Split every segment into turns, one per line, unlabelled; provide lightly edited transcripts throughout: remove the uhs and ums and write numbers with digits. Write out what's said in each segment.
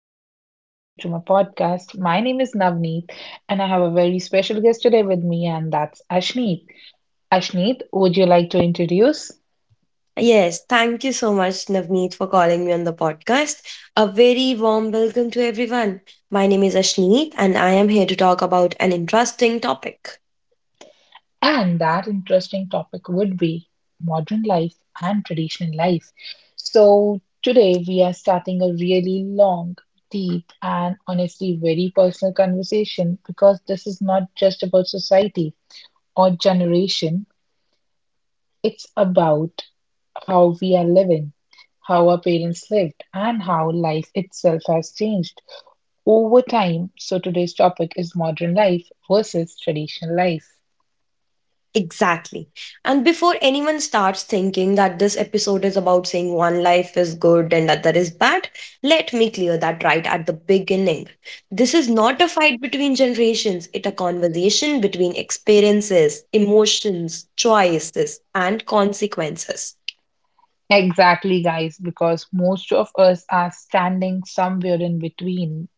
very warm welcome to my podcast. My name is Navneet, and I have a very special guest today with me, and that's Ashneet. Ashneet, would you like to introduce?
Yes, thank you so much, Navneet, for calling me on the podcast. A very warm welcome to everyone. My name is Ashneet, and I am here to talk about an interesting topic.
And that interesting topic would be modern life and traditional life. So, today we are starting a really long, deep, and honestly very personal conversation because this is not just about society or generation, it's about how we are living, how our parents lived, and how life itself has changed over time. So, today's topic is modern life versus traditional life.
Exactly. And before anyone starts thinking that this episode is about saying one life is good and other is bad, let me clear that right at the beginning. This is not a fight between generations, it's a conversation between experiences, emotions, choices, and consequences.
Exactly, guys, because most of us are standing somewhere in between.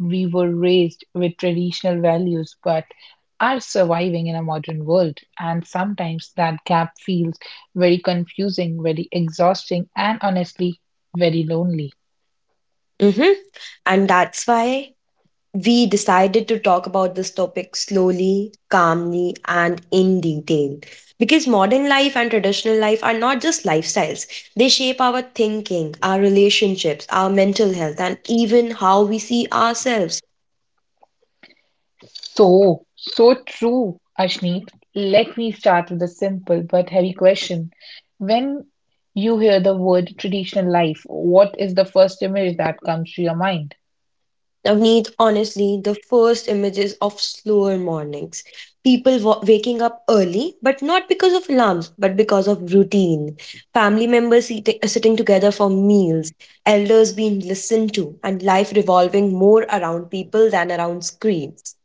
We were raised with traditional values, but are surviving in a modern world. And sometimes that gap feels very confusing, very exhausting, and honestly, very lonely.
Mhm. And that's why we decided to talk about this topic slowly, calmly, and in detail. Because modern life and traditional life are not just lifestyles, they shape our thinking, our relationships, our mental health, and even how we see ourselves.
So, so true, Ashneet. Let me start with a simple but heavy question. When you hear the word traditional life, what is the first image that comes to your mind?
Navneet, honestly, the first images of slower mornings. People waking up early, but not because of alarms, but because of routine. Family members sitting together for meals, elders being listened to, and life revolving more around people than around screens.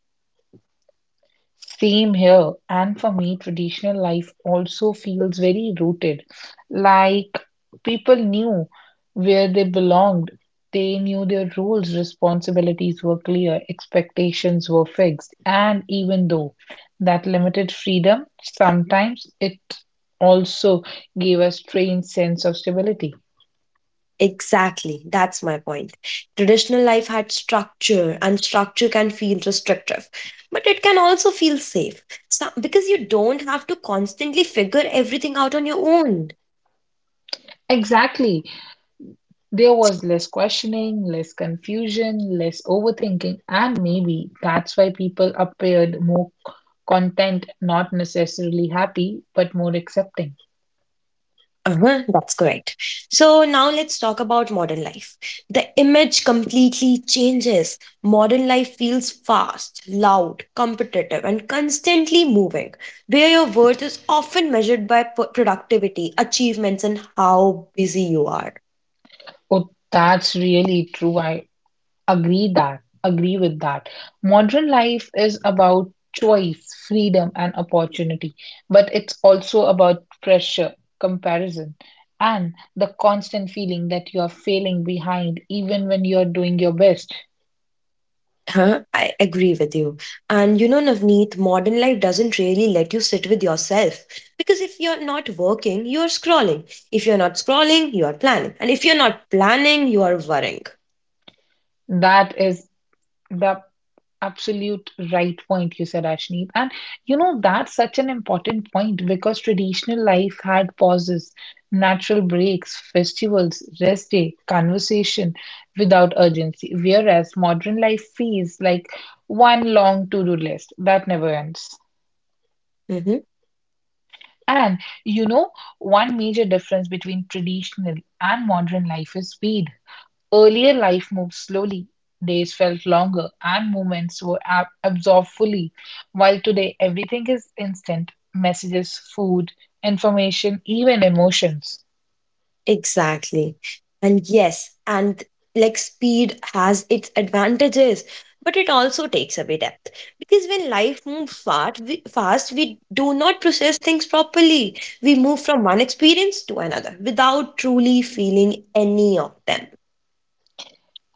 Same here. And for me, traditional life also feels very rooted. Like people knew where they belonged, they knew their roles, responsibilities were clear, expectations were fixed. And even though that limited freedom, sometimes it also gave a strange sense of stability.
Exactly, that's my point. Traditional life had structure, and structure can feel restrictive, but it can also feel safe because you don't have to constantly figure everything out on your own.
Exactly. There was less questioning, less confusion, less overthinking, and maybe that's why people appeared more content, not necessarily happy, but more accepting.
Uh-huh, that's correct. So now let's talk about modern life. The image completely changes. Modern life feels fast, loud, competitive, and constantly moving, where your worth is often measured by productivity, achievements, and how busy you are.
Oh, that's really true. I agree that. Agree with that. Modern life is about choice, freedom, and opportunity, but it's also about pressure, comparison, and the constant feeling that you are failing behind even when you're doing your best.
Huh? I agree with you. And you know, Navneet, modern life doesn't really let you sit with yourself. Because if you're not working, you're scrolling. If you're not scrolling, you are planning. And if you're not planning, you are worrying.
That is the absolute right point you said, Ashneet. And you know, that's such an important point because traditional life had pauses, natural breaks, festivals, rest day, conversation without urgency. Whereas modern life feels like one long to do list that never ends.
Mhm.
And you know, one major difference between traditional and modern life is speed. Earlier life moved slowly, days felt longer, and moments were absorbed fully, while today everything is instant messages, food, information, even emotions.
Exactly. And yes, and like speed has its advantages, but it also takes away depth. Because when life moves fast, we do not process things properly. We move from one experience to another without truly feeling any of them.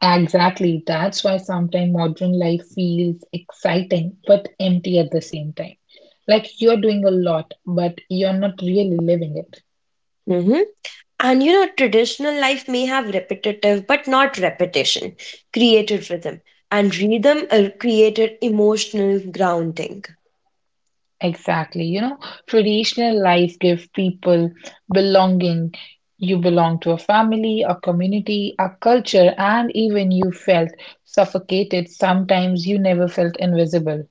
Exactly, that's why sometimes modern life feels exciting but empty at the same time. Like you're doing a lot, but you're not really living it.
Mhm. And you know, traditional life may have repetitive, but not repetition, created rhythm. And rhythm created emotional grounding.
Exactly. You know, traditional life give people belonging. You belong to a family, a community, a culture, and even you felt suffocated. Sometimes you never felt invisible.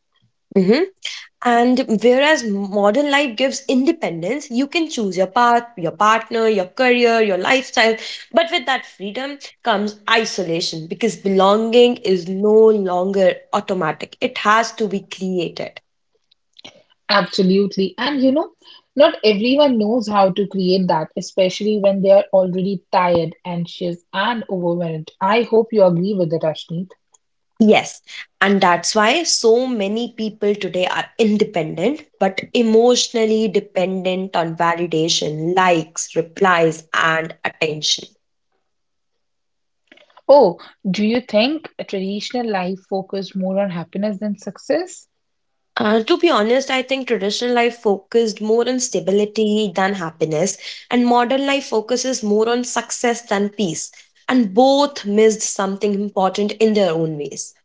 And whereas modern life gives independence, you can choose your path, your partner, your career, your lifestyle. But with that freedom comes isolation because belonging is no longer automatic, it has to be created.
Absolutely. And you know, not everyone knows how to create that, especially when they are already tired, anxious, and overwhelmed. I hope you agree with it, Ashneet.
Yes, and that's why so many people today are independent but emotionally dependent on validation, likes, replies, and attention.
Oh, do you think a traditional life focused more on happiness than success?
To be honest, I think traditional life focused more on stability than happiness, and modern life focuses more on success than peace. And both missed something important in their own ways.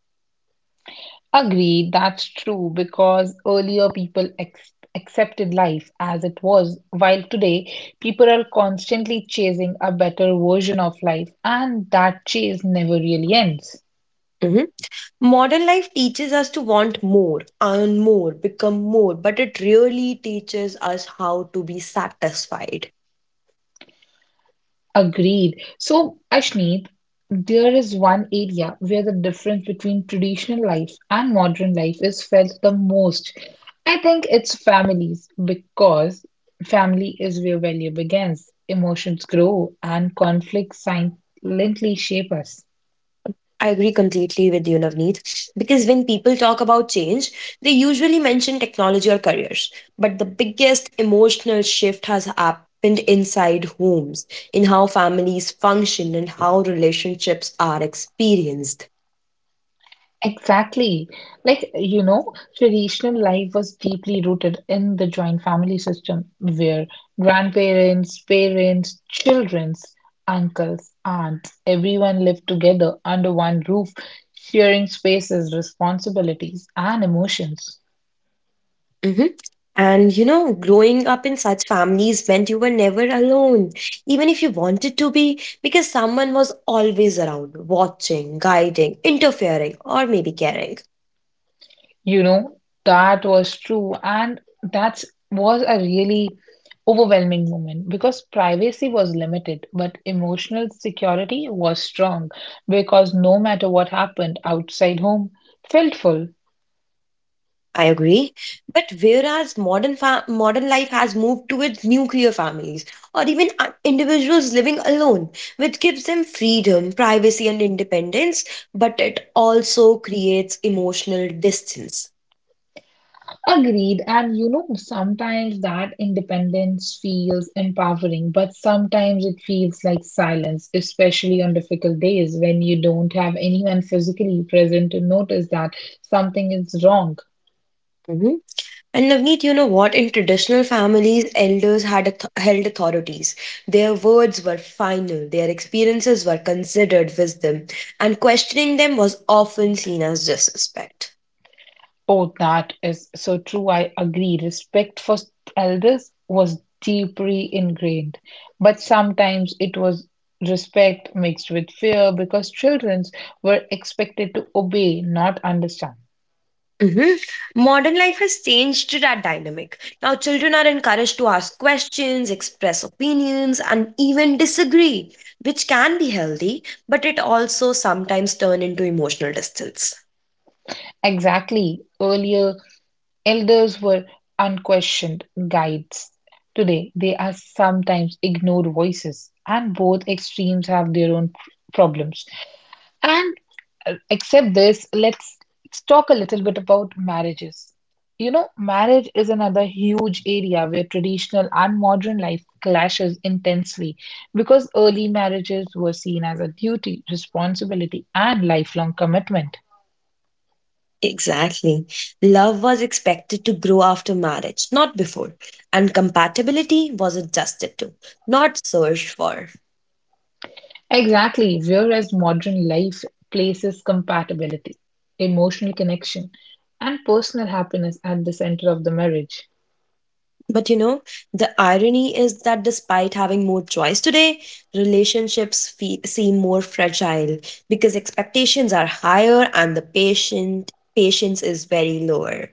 Agreed, that's true because earlier people accepted life as it was, while today people are constantly chasing a better version of life, and that chase never really ends.
Mhm. Modern life teaches us to want more, earn more, become more, but it really teaches us how to be satisfied.
Agreed. So, Ashneet, there is one area where the difference between traditional life and modern life is felt the most. I think it's families because family is where value begins, emotions grow, and conflicts silently shape us.
I agree completely with you, Navneet, because when people talk about change, they usually mention technology or careers. But the biggest emotional shift has happened inside homes, in how families function and how relationships are experienced.
Exactly. Like, you know, traditional life was deeply rooted in the joint family system where grandparents, parents, children's, uncles, aunts, everyone lived together under one roof, sharing spaces, responsibilities, and emotions.
Hmm. And you know, growing up in such families meant you were never alone, even if you wanted to be, because someone was always around, watching, guiding, interfering, or maybe caring.
You know, that was true. And that was a really overwhelming moment because privacy was limited, but emotional security was strong because no matter what happened outside home, felt full.
I agree. But whereas modern life has moved towards nuclear families or even individuals living alone, which gives them freedom, privacy, and independence, but it also creates emotional distance.
Agreed. And you know, sometimes that independence feels empowering, but sometimes it feels like silence, especially on difficult days when you don't have anyone physically present to notice that something is wrong.
Mhm. And Navneet, you know what? In traditional families, elders held authorities. Their words were final, their experiences were considered wisdom, and questioning them was often seen as disrespect.
Oh, that is so true. I agree. Respect for elders was deeply ingrained, but sometimes it was respect mixed with fear because children were expected to obey, not understand.
Hmm. Modern life has changed that dynamic. Now, children are encouraged to ask questions, express opinions, and even disagree, which can be healthy, but it also sometimes turn into emotional distance.
Exactly. Earlier, elders were unquestioned guides. Today, they are sometimes ignored voices, and both extremes have their own problems. And except this, let's talk a little bit about marriages. You know, marriage is another huge area where traditional and modern life clashes intensely because early marriages were seen as a duty, responsibility, and lifelong commitment.
Exactly. Love was expected to grow after marriage, not before. And compatibility was adjusted to, not searched for.
Exactly, whereas modern life places compatibility, emotional connection, and personal happiness at the center of the marriage.
But you know, the irony is that despite having more choice today, seem more fragile because expectations are higher and the patient patience is very lower.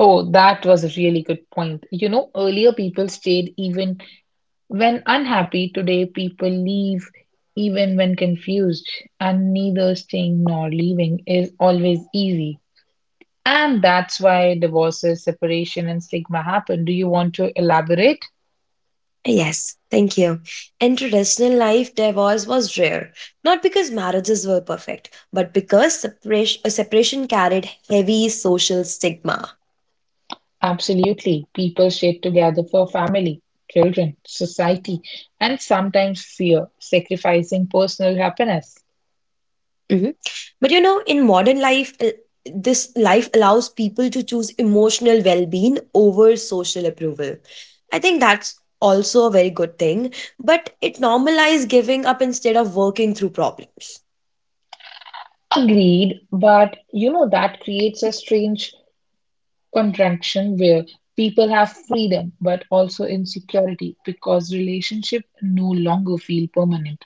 Oh, that was a really good point. You know, earlier people stayed even when unhappy today, people leave even when confused, and neither staying nor leaving is always easy. And that's why divorces, separation, and stigma happen. Do you want to elaborate?
Yes, thank you. In traditional life, divorce was rare, not because marriages were perfect, but because separation carried heavy social stigma.
Absolutely. People stay together for family, children, society, and sometimes fear, sacrificing personal happiness.
Mhm. But you know, in modern life, this life allows people to choose emotional well being over social approval. I think that's also a very good thing, but it normalizes giving up instead of working through problems.
Agreed, but you know that creates a strange contraction where people have freedom but also insecurity because relationship no longer feel permanent.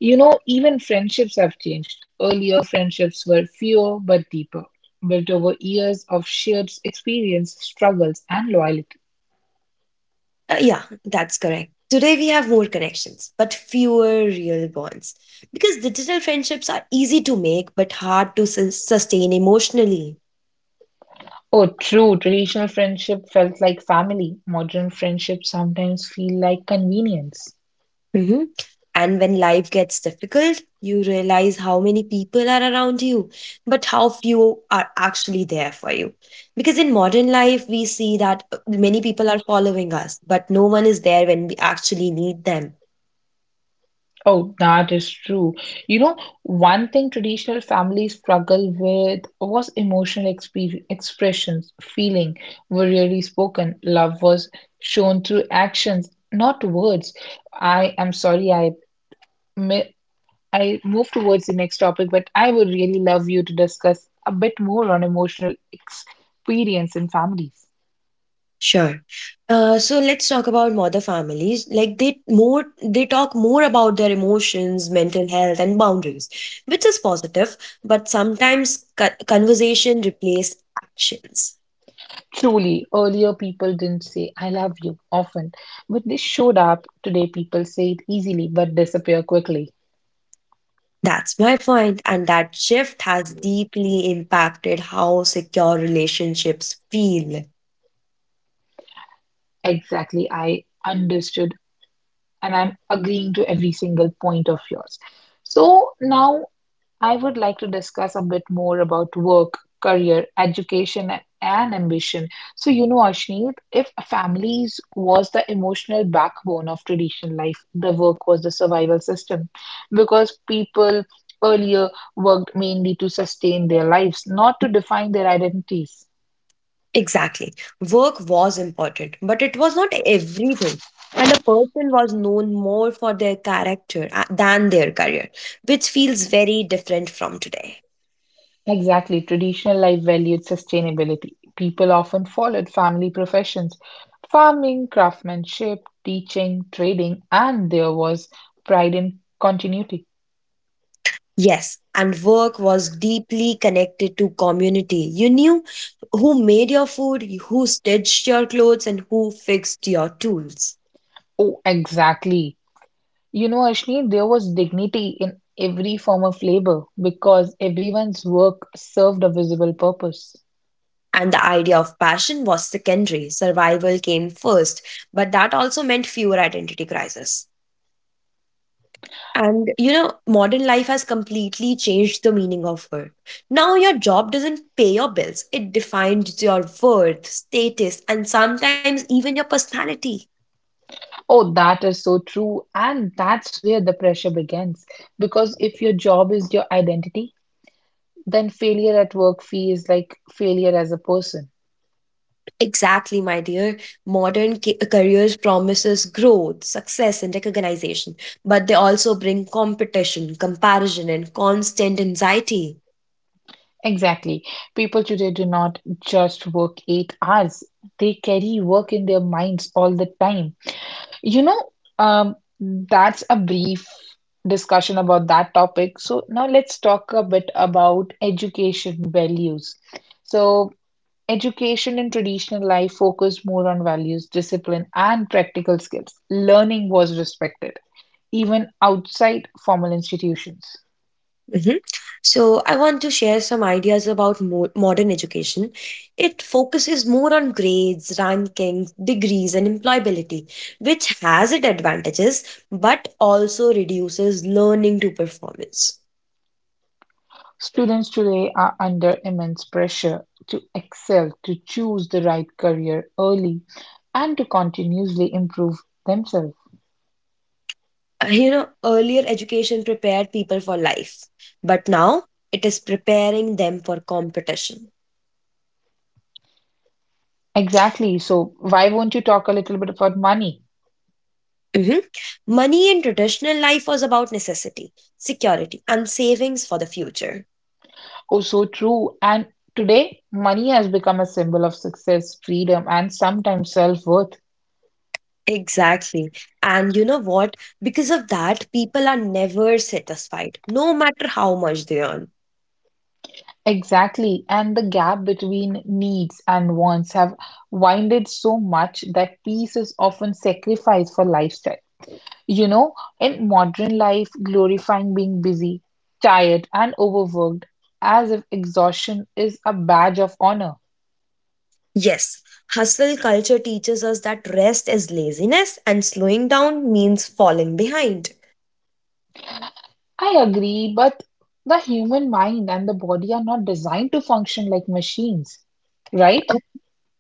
You know, even friendships have changed. Earlier, friendships were fewer but deeper, built over years of shared experience, struggles, and loyalty.
Yeah, that's correct. Today we have more connections, but fewer real bonds. Because digital friendships are easy to make but hard to sustain emotionally.
Oh, true. Traditional friendship felt like family. Modern friendships sometimes feel like convenience.
And when life gets difficult, you realize how many people are around you, but how few are actually there for you. Because in modern life, we see that many people are following us, but no one is there when we actually need them.
Oh, that is true. You know, one thing traditional families struggle with was emotional expressions, feeling were rarely spoken. Love was shown through actions, not words. I am sorry, mi- I move towards the next topic, but I would really love you to discuss a bit more on emotional experience in families.
Sure. So let's talk about mother families. Like they talk more about their emotions, mental health, and boundaries, which is positive. But sometimes conversation replace actions.
Truly, earlier people didn't say, I love you often, but they showed up. Today, people say it easily but disappear quickly.
That's my point, and that shift has deeply impacted how secure relationships feel.
Exactly, I understood, and I'm agreeing to every single point of yours. So now I would like to discuss a bit more about work, career, education, and ambition. So, you know, Ashneet, if families was the emotional backbone of traditional life, the work was the survival system because people earlier worked mainly to sustain their lives, not to define their identities.
Exactly. Work was important, but it was not everything. And a person was known more for their character than their career, which feels very different from today.
Exactly, traditional life valued sustainability. People often followed family professions farming, craftsmanship, teaching, trading, and there was pride in continuity.
Yes, and work was deeply connected to community. You knew who made your food, who stitched your clothes, and who fixed your tools.
Oh, exactly. You know, Ashni, there was dignity in every form of labor because everyone's work served a visible purpose.
And the idea of passion was secondary. Survival came first, but that also meant fewer identity crises. And you know, modern life has completely changed the meaning of work. Now, your job doesn't pay your bills, it defines your worth, status, and sometimes even your personality.
Oh, that is so true. And that's where the pressure begins. Because if your job is your identity, then failure at work feels like failure as a person.
Exactly, my dear. Modern careers promises growth, success, and recognition, but they also bring competition, comparison, and constant anxiety.
Exactly. People today do not just work 8 hours, they carry work in their minds all the time. You know, that's a brief discussion about that topic. So, now let's talk a bit about education values. So, education in traditional life focused more on values, discipline, and practical skills. Learning was respected, even outside formal institutions.
Mhm. So, I want to share some ideas about modern education. It focuses more on grades, rankings, degrees, and employability, which has its advantages but also reduces learning to performance.
Students today are under immense pressure to excel, to choose the right career early, and to continuously improve themselves.
You know, earlier education prepared people for life, but now it is preparing them for competition.
Exactly. So, why won't you talk a little bit about money?
Mhm. Money in traditional life was about necessity, security, and savings for the future.
Oh, so true. And today, money has become a symbol of success, freedom, and sometimes self-worth.
Exactly. And you know what? Because of that, people are never satisfied, no matter how much they earn.
Exactly. And the gap between needs and wants have widened so much that peace is often sacrificed for lifestyle. You know, in modern life, glorifying being busy, tired, and overworked as if exhaustion is a badge of honor.
Yes, hustle culture teaches us that rest is laziness and slowing down means falling behind.
I agree, but the human mind and the body are not designed to function like machines, right?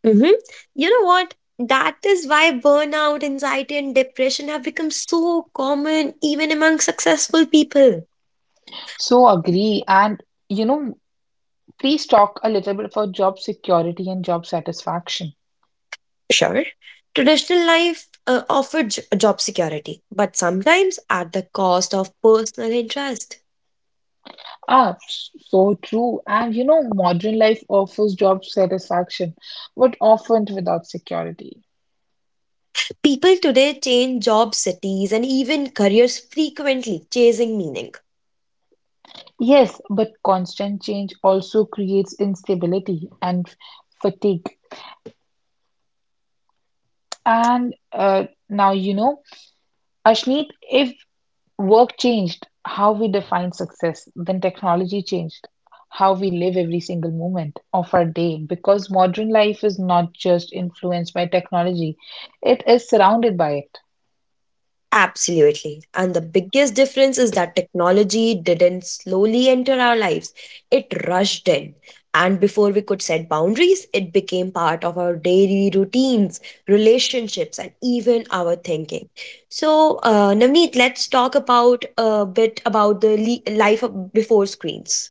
Mm-hmm. You know what? That is why burnout, anxiety, and depression have become so common even among successful people.
So agree. And, you know, please talk a little bit about job security and job satisfaction.
Sure, traditional life offered job security, but sometimes at the cost of personal interest.
Ah, so true. And, you know, modern life offers job satisfaction, but often without security.
People today change job cities and even careers frequently, chasing meaning.
Yes, but constant change also creates instability and fatigue. And now you know, Ashmeet, if work changed, how we define success, then technology changed how we live every single moment of our day because modern life is not just influenced by technology, it is surrounded by it.
Absolutely. And the biggest difference is that technology didn't slowly enter our lives, it rushed in. And before we could set boundaries, it became part of our daily routines, relationships, and even our thinking. So, Navneet, let's talk about a bit about the before screens.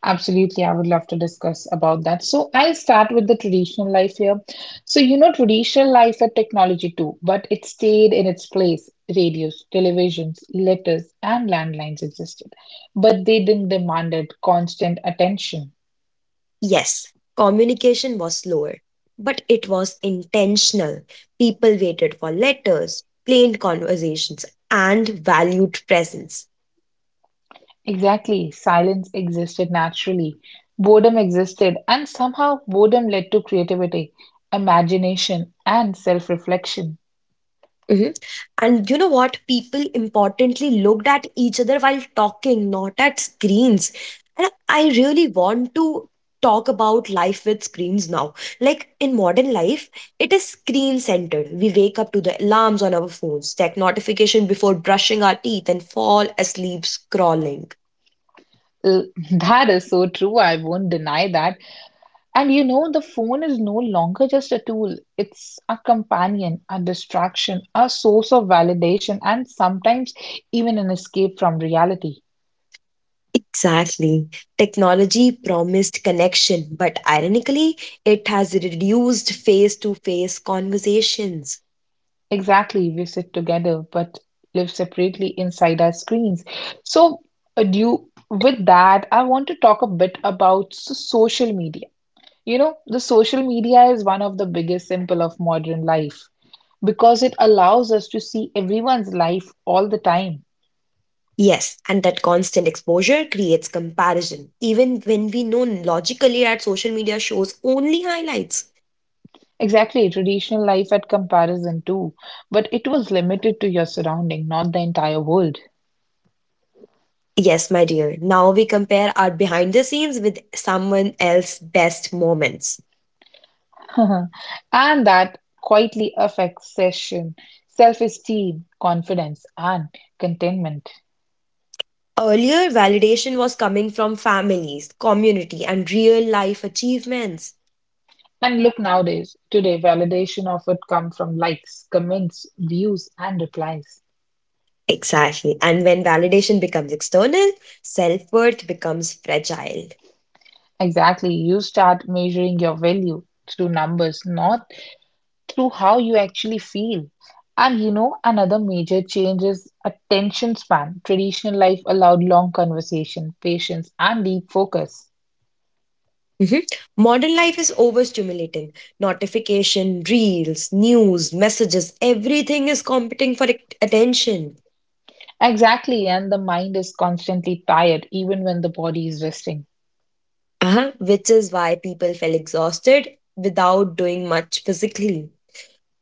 Absolutely, I would love to discuss about that. So I'll start with the traditional life here. So you know, traditional life had technology too, but it stayed in its place. Radios, televisions, letters, and landlines existed, but they didn't demand it constant attention.
Yes, communication was slower, but it was intentional. People waited for letters, planned conversations, and valued presence.
Exactly, silence existed naturally. Boredom existed, and somehow boredom led to creativity, imagination, and self-reflection.
Hmm. And you know what? People importantly looked at each other while talking, not at screens. And I really want to talk about life with screens now. Like in modern life, it is screen centered. We wake up to the alarms on our phones, check notification before brushing our teeth, and fall asleep scrolling.
Uh, That is so true. I won't deny that. And you know, the phone is no longer just a tool, it's a companion, a distraction, a source of validation, and sometimes even an escape from reality.
Exactly. Technology promised connection, but ironically, it has reduced face to face conversations.
Exactly, we sit together but live separately inside our screens. So, uh, do you, with that, I want to talk a bit about social media. You know, the social media is one of the biggest symbol of modern life because it allows us to see everyone's life all the time.
Yes, and that constant exposure creates comparison, even when we know logically that social media shows only highlights.
Exactly, traditional life at comparison too, but it was limited to your surrounding, not the entire world.
Yes, my dear, now we compare our behind the scenes with someone else's best moments.
And that quietly affects session, self-esteem, confidence, and contentment.
Earlier, validation was coming from families, community, and real life achievements.
And look nowadays, today validation often come from likes, comments, views, and replies.
Exactly. And when validation becomes external, self worth becomes fragile.
Exactly, you start measuring your value through numbers, not through how you actually feel. And you know, another major change is attention span. Traditional life allowed long conversation, patience, and deep focus.
Mhm. Modern life is overstimulating. Notification, reels, news, messages, everything is competing for attention.
Exactly, and the mind is constantly tired even when the body is resting.
Uh-huh, which is why people feel exhausted without doing much physically.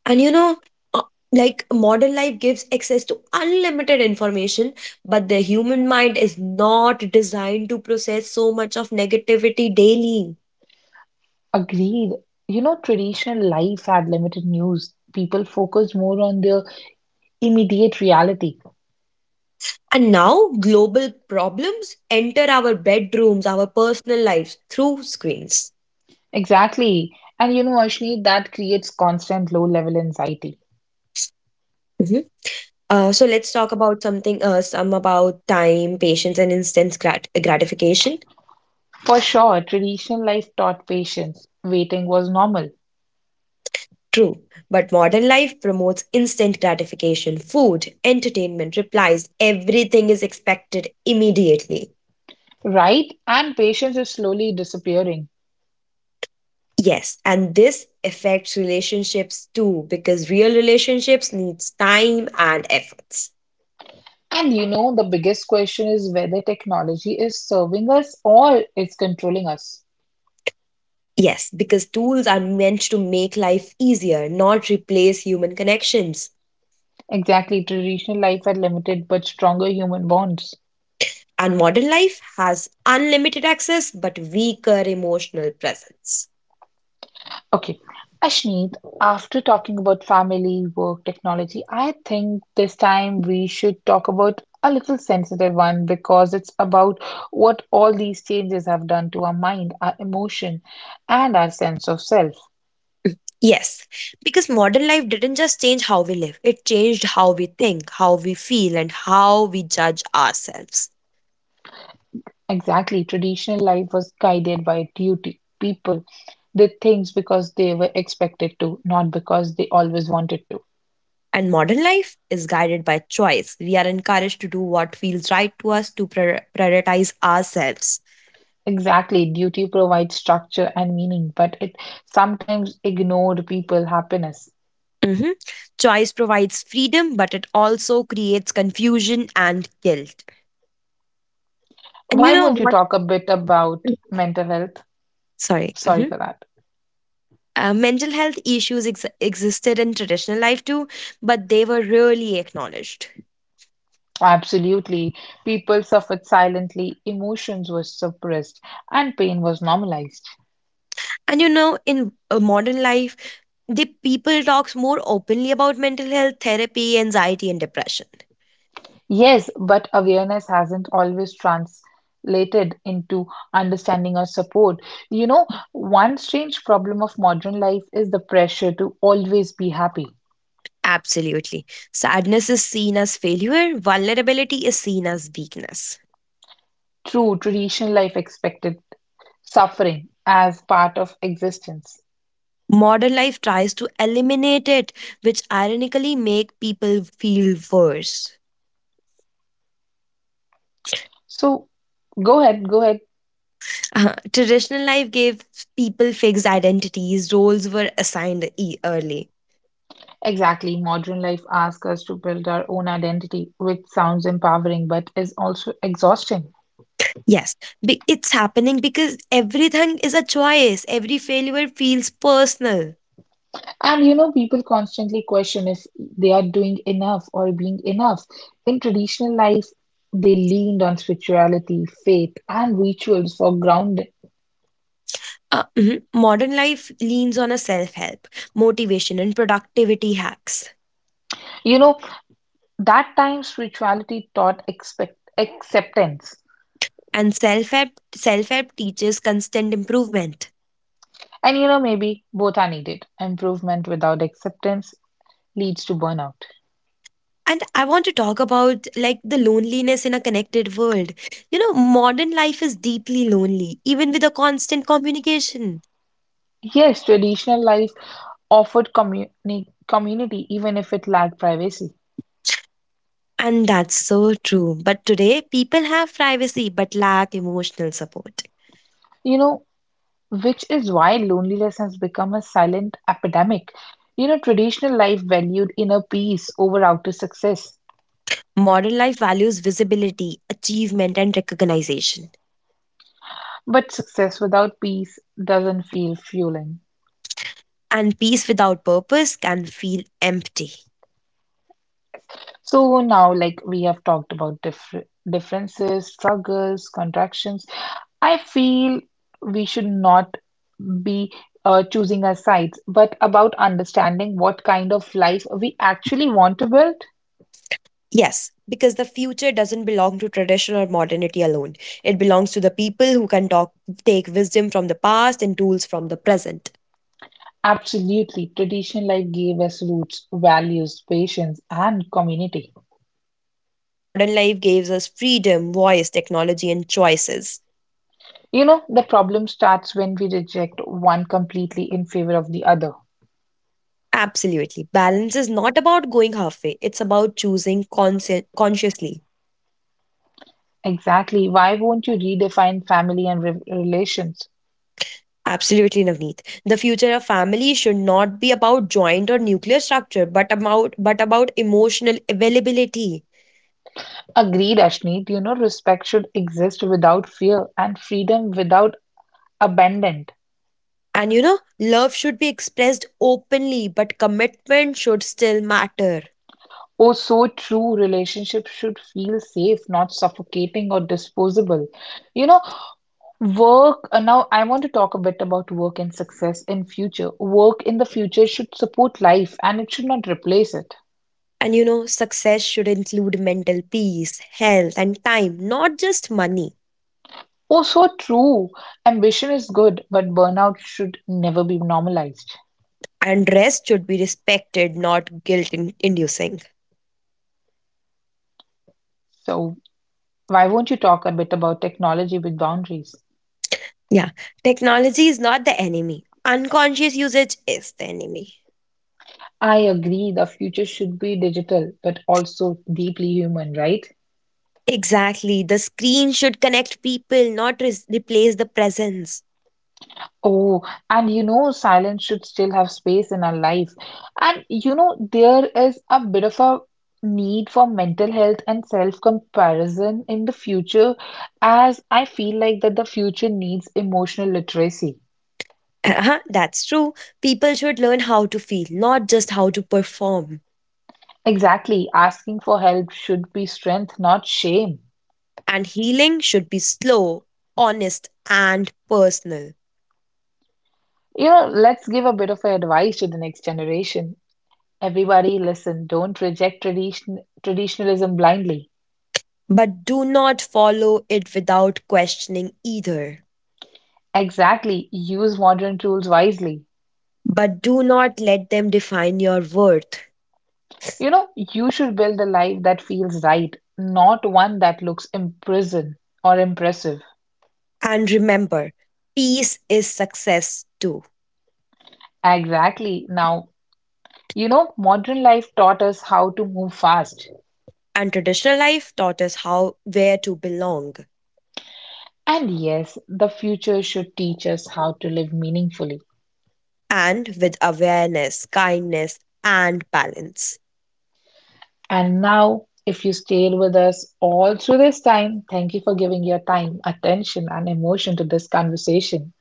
And you know, uh, like modern life gives access to unlimited information, but the human mind is not designed to process so much of negativity daily.
Agreed. You know, traditional life had limited news. People focused more on their immediate reality.
And now global problems enter our bedrooms, our personal lives through screens.
Exactly. And you know, Ashni, that creates constant low level anxiety.
Hmm. So let's talk about something, some about time, patience, and instant gratification.
For sure, traditional life taught patience. Waiting was normal.
True, but modern life promotes instant gratification. Food, entertainment, replies, everything is expected immediately.
Right? And patience is slowly disappearing.
Yes, and this affects relationships too, because real relationships needs time and efforts.
And you know, the biggest question is whether technology is serving us or it's controlling us.
Yes, because tools are meant to make life easier, not replace human connections.
Exactly, traditional life had limited but stronger human bonds.
And modern life has unlimited access but weaker emotional presence.
Okay, Ashneet, after talking about family, work, technology, I think this time we should talk about a little sensitive one because it's about what all these changes have done to our mind, our emotion, and our sense of self.
Yes, because modern life didn't just change how we live, it changed how we think, how we feel, and how we judge ourselves.
Exactly. Traditional life was guided by duty. People did things because they were expected to, not because they always wanted to.
And modern life is guided by choice. We are encouraged to do what feels right to us to prioritize ourselves.
Exactly. Duty provides structure and meaning, but it sometimes ignored people happiness.
Mhm. Choice provides freedom, but it also creates confusion and guilt. And you
Why
know
won't you
what?
talk a bit about
Mm,
mental health?
Sorry.
Sorry
Mm-hmm.
for that.
Mental health issues existed in traditional life too, but they were rarely acknowledged.
Absolutely. People suffered silently, emotions were suppressed, and pain was normalized.
And you know, in modern life, the people talks more openly about mental health, therapy, anxiety, and depression.
Yes, but awareness hasn't always translated into understanding or support. You know, one strange problem of modern life is the pressure to always be happy.
Absolutely. Sadness is seen as failure, vulnerability is seen as weakness.
True, traditional life expected suffering as part of existence.
Modern life tries to eliminate it, which ironically make people feel worse.
So, go ahead, go ahead.
Traditional life gave people fixed identities, roles were assigned early.
Exactly, modern life asks us to build our own identity, which sounds empowering but is also exhausting.
Yes, it's happening because everything is a choice. Every failure feels personal.
And you know, people constantly question if they are doing enough or being enough. In traditional life, they leaned on spirituality, faith, and rituals for grounding.
Mhm. Modern life leans on a self-help, motivation, and productivity hacks.
You know, that time spirituality taught expect acceptance.
And self-help teaches constant improvement.
And you know, maybe both are needed. Improvement without acceptance leads to burnout.
And I want to talk about like the loneliness in a connected world. You know, modern life is deeply lonely, even with a constant communication.
Yes, traditional life offered community even if it lacked privacy.
And that's so true. But today, people have privacy but lack emotional support.
You know, which is why loneliness has become a silent epidemic. You know, traditional life valued inner peace over outer success,
Modern life values visibility, achievement, and recognition.
but success without peace doesn't feel fueling.
And peace without purpose can feel empty.
So now, like we have talked about differences, struggles, contractions, I feel we should not be choosing our sides, but about understanding what kind of life we actually want to build.
Yes, because the future doesn't belong to tradition or modernity alone. It belongs to the people who can talk, take wisdom from the past and tools from the present.
Absolutely. Traditional life gave us roots, values, patience, and community.
Modern life gives us freedom, voice, technology, and choices.
You know, the problem starts when we reject one completely in favor of the other.
Absolutely. Balance is not about going halfway, it's about choosing consciously.
Exactly. Why won't you redefine family and relations?
Absolutely, Navneet. The future of family should not be about joint or nuclear structure, but about emotional availability.
Agreed, Ashneet. You know, respect should exist without fear and freedom without abandon.
And you know, love should be expressed openly, but commitment should still matter.
Oh, so true. Relationships should feel safe, not suffocating or disposable. You know, now I want to talk a bit about work and success in future. Work in the future should support life and it should not replace it.
And you know, success should include mental peace, health, and time, not just money.
Oh, so true. Ambition is good, but burnout should never be normalized.
And rest should be respected, not guilt inducing.
So, why won't you talk a bit about technology with boundaries?
Yeah, technology is not the enemy. Unconscious usage is the enemy.
I agree the future should be digital, but also deeply human, right?
Exactly. The screen should connect people, not replace the presence.
Oh, and you know, silence should still have space in our life. And you know, there is a bit of a need for mental health and self-comparison in the future, as I feel like that the future needs emotional literacy.
Uh-huh, that's true. People should learn how to feel, not just how to perform.
Exactly, asking for help should be strength, not shame.
And healing should be slow, honest, and personal.
You know, let's give a bit of advice to the next generation. Everybody, listen, don't reject tradition traditionalism blindly.
But do not follow it without questioning either.
Exactly, use modern tools wisely.
But do not let them define your worth.
You know, you should build a life that feels right, not one that looks imprison or impressive.
And remember, peace is success too.
Exactly. Now, you know, modern life taught us how to move fast.
And traditional life taught us how where to belong
And yes, the future should teach us how to live meaningfully.
and with awareness, kindness, and balance.
And now, if you stayed with us all through this time, thank you for giving your time, attention, and emotion to this conversation.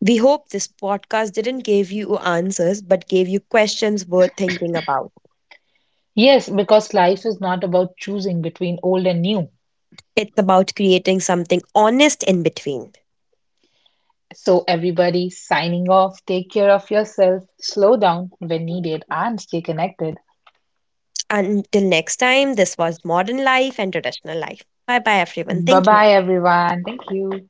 We hope this podcast didn't give you answers but gave you questions worth thinking about.
Yes, because life is not about choosing between old and new.
It's about creating something honest in between.
So, everybody signing off. Take care of yourself, slow down when needed, and stay connected.
Until next time, this was Modern Life and Traditional Life. Bye bye, everyone.
Bye
Thank you.
bye, everyone. Thank you.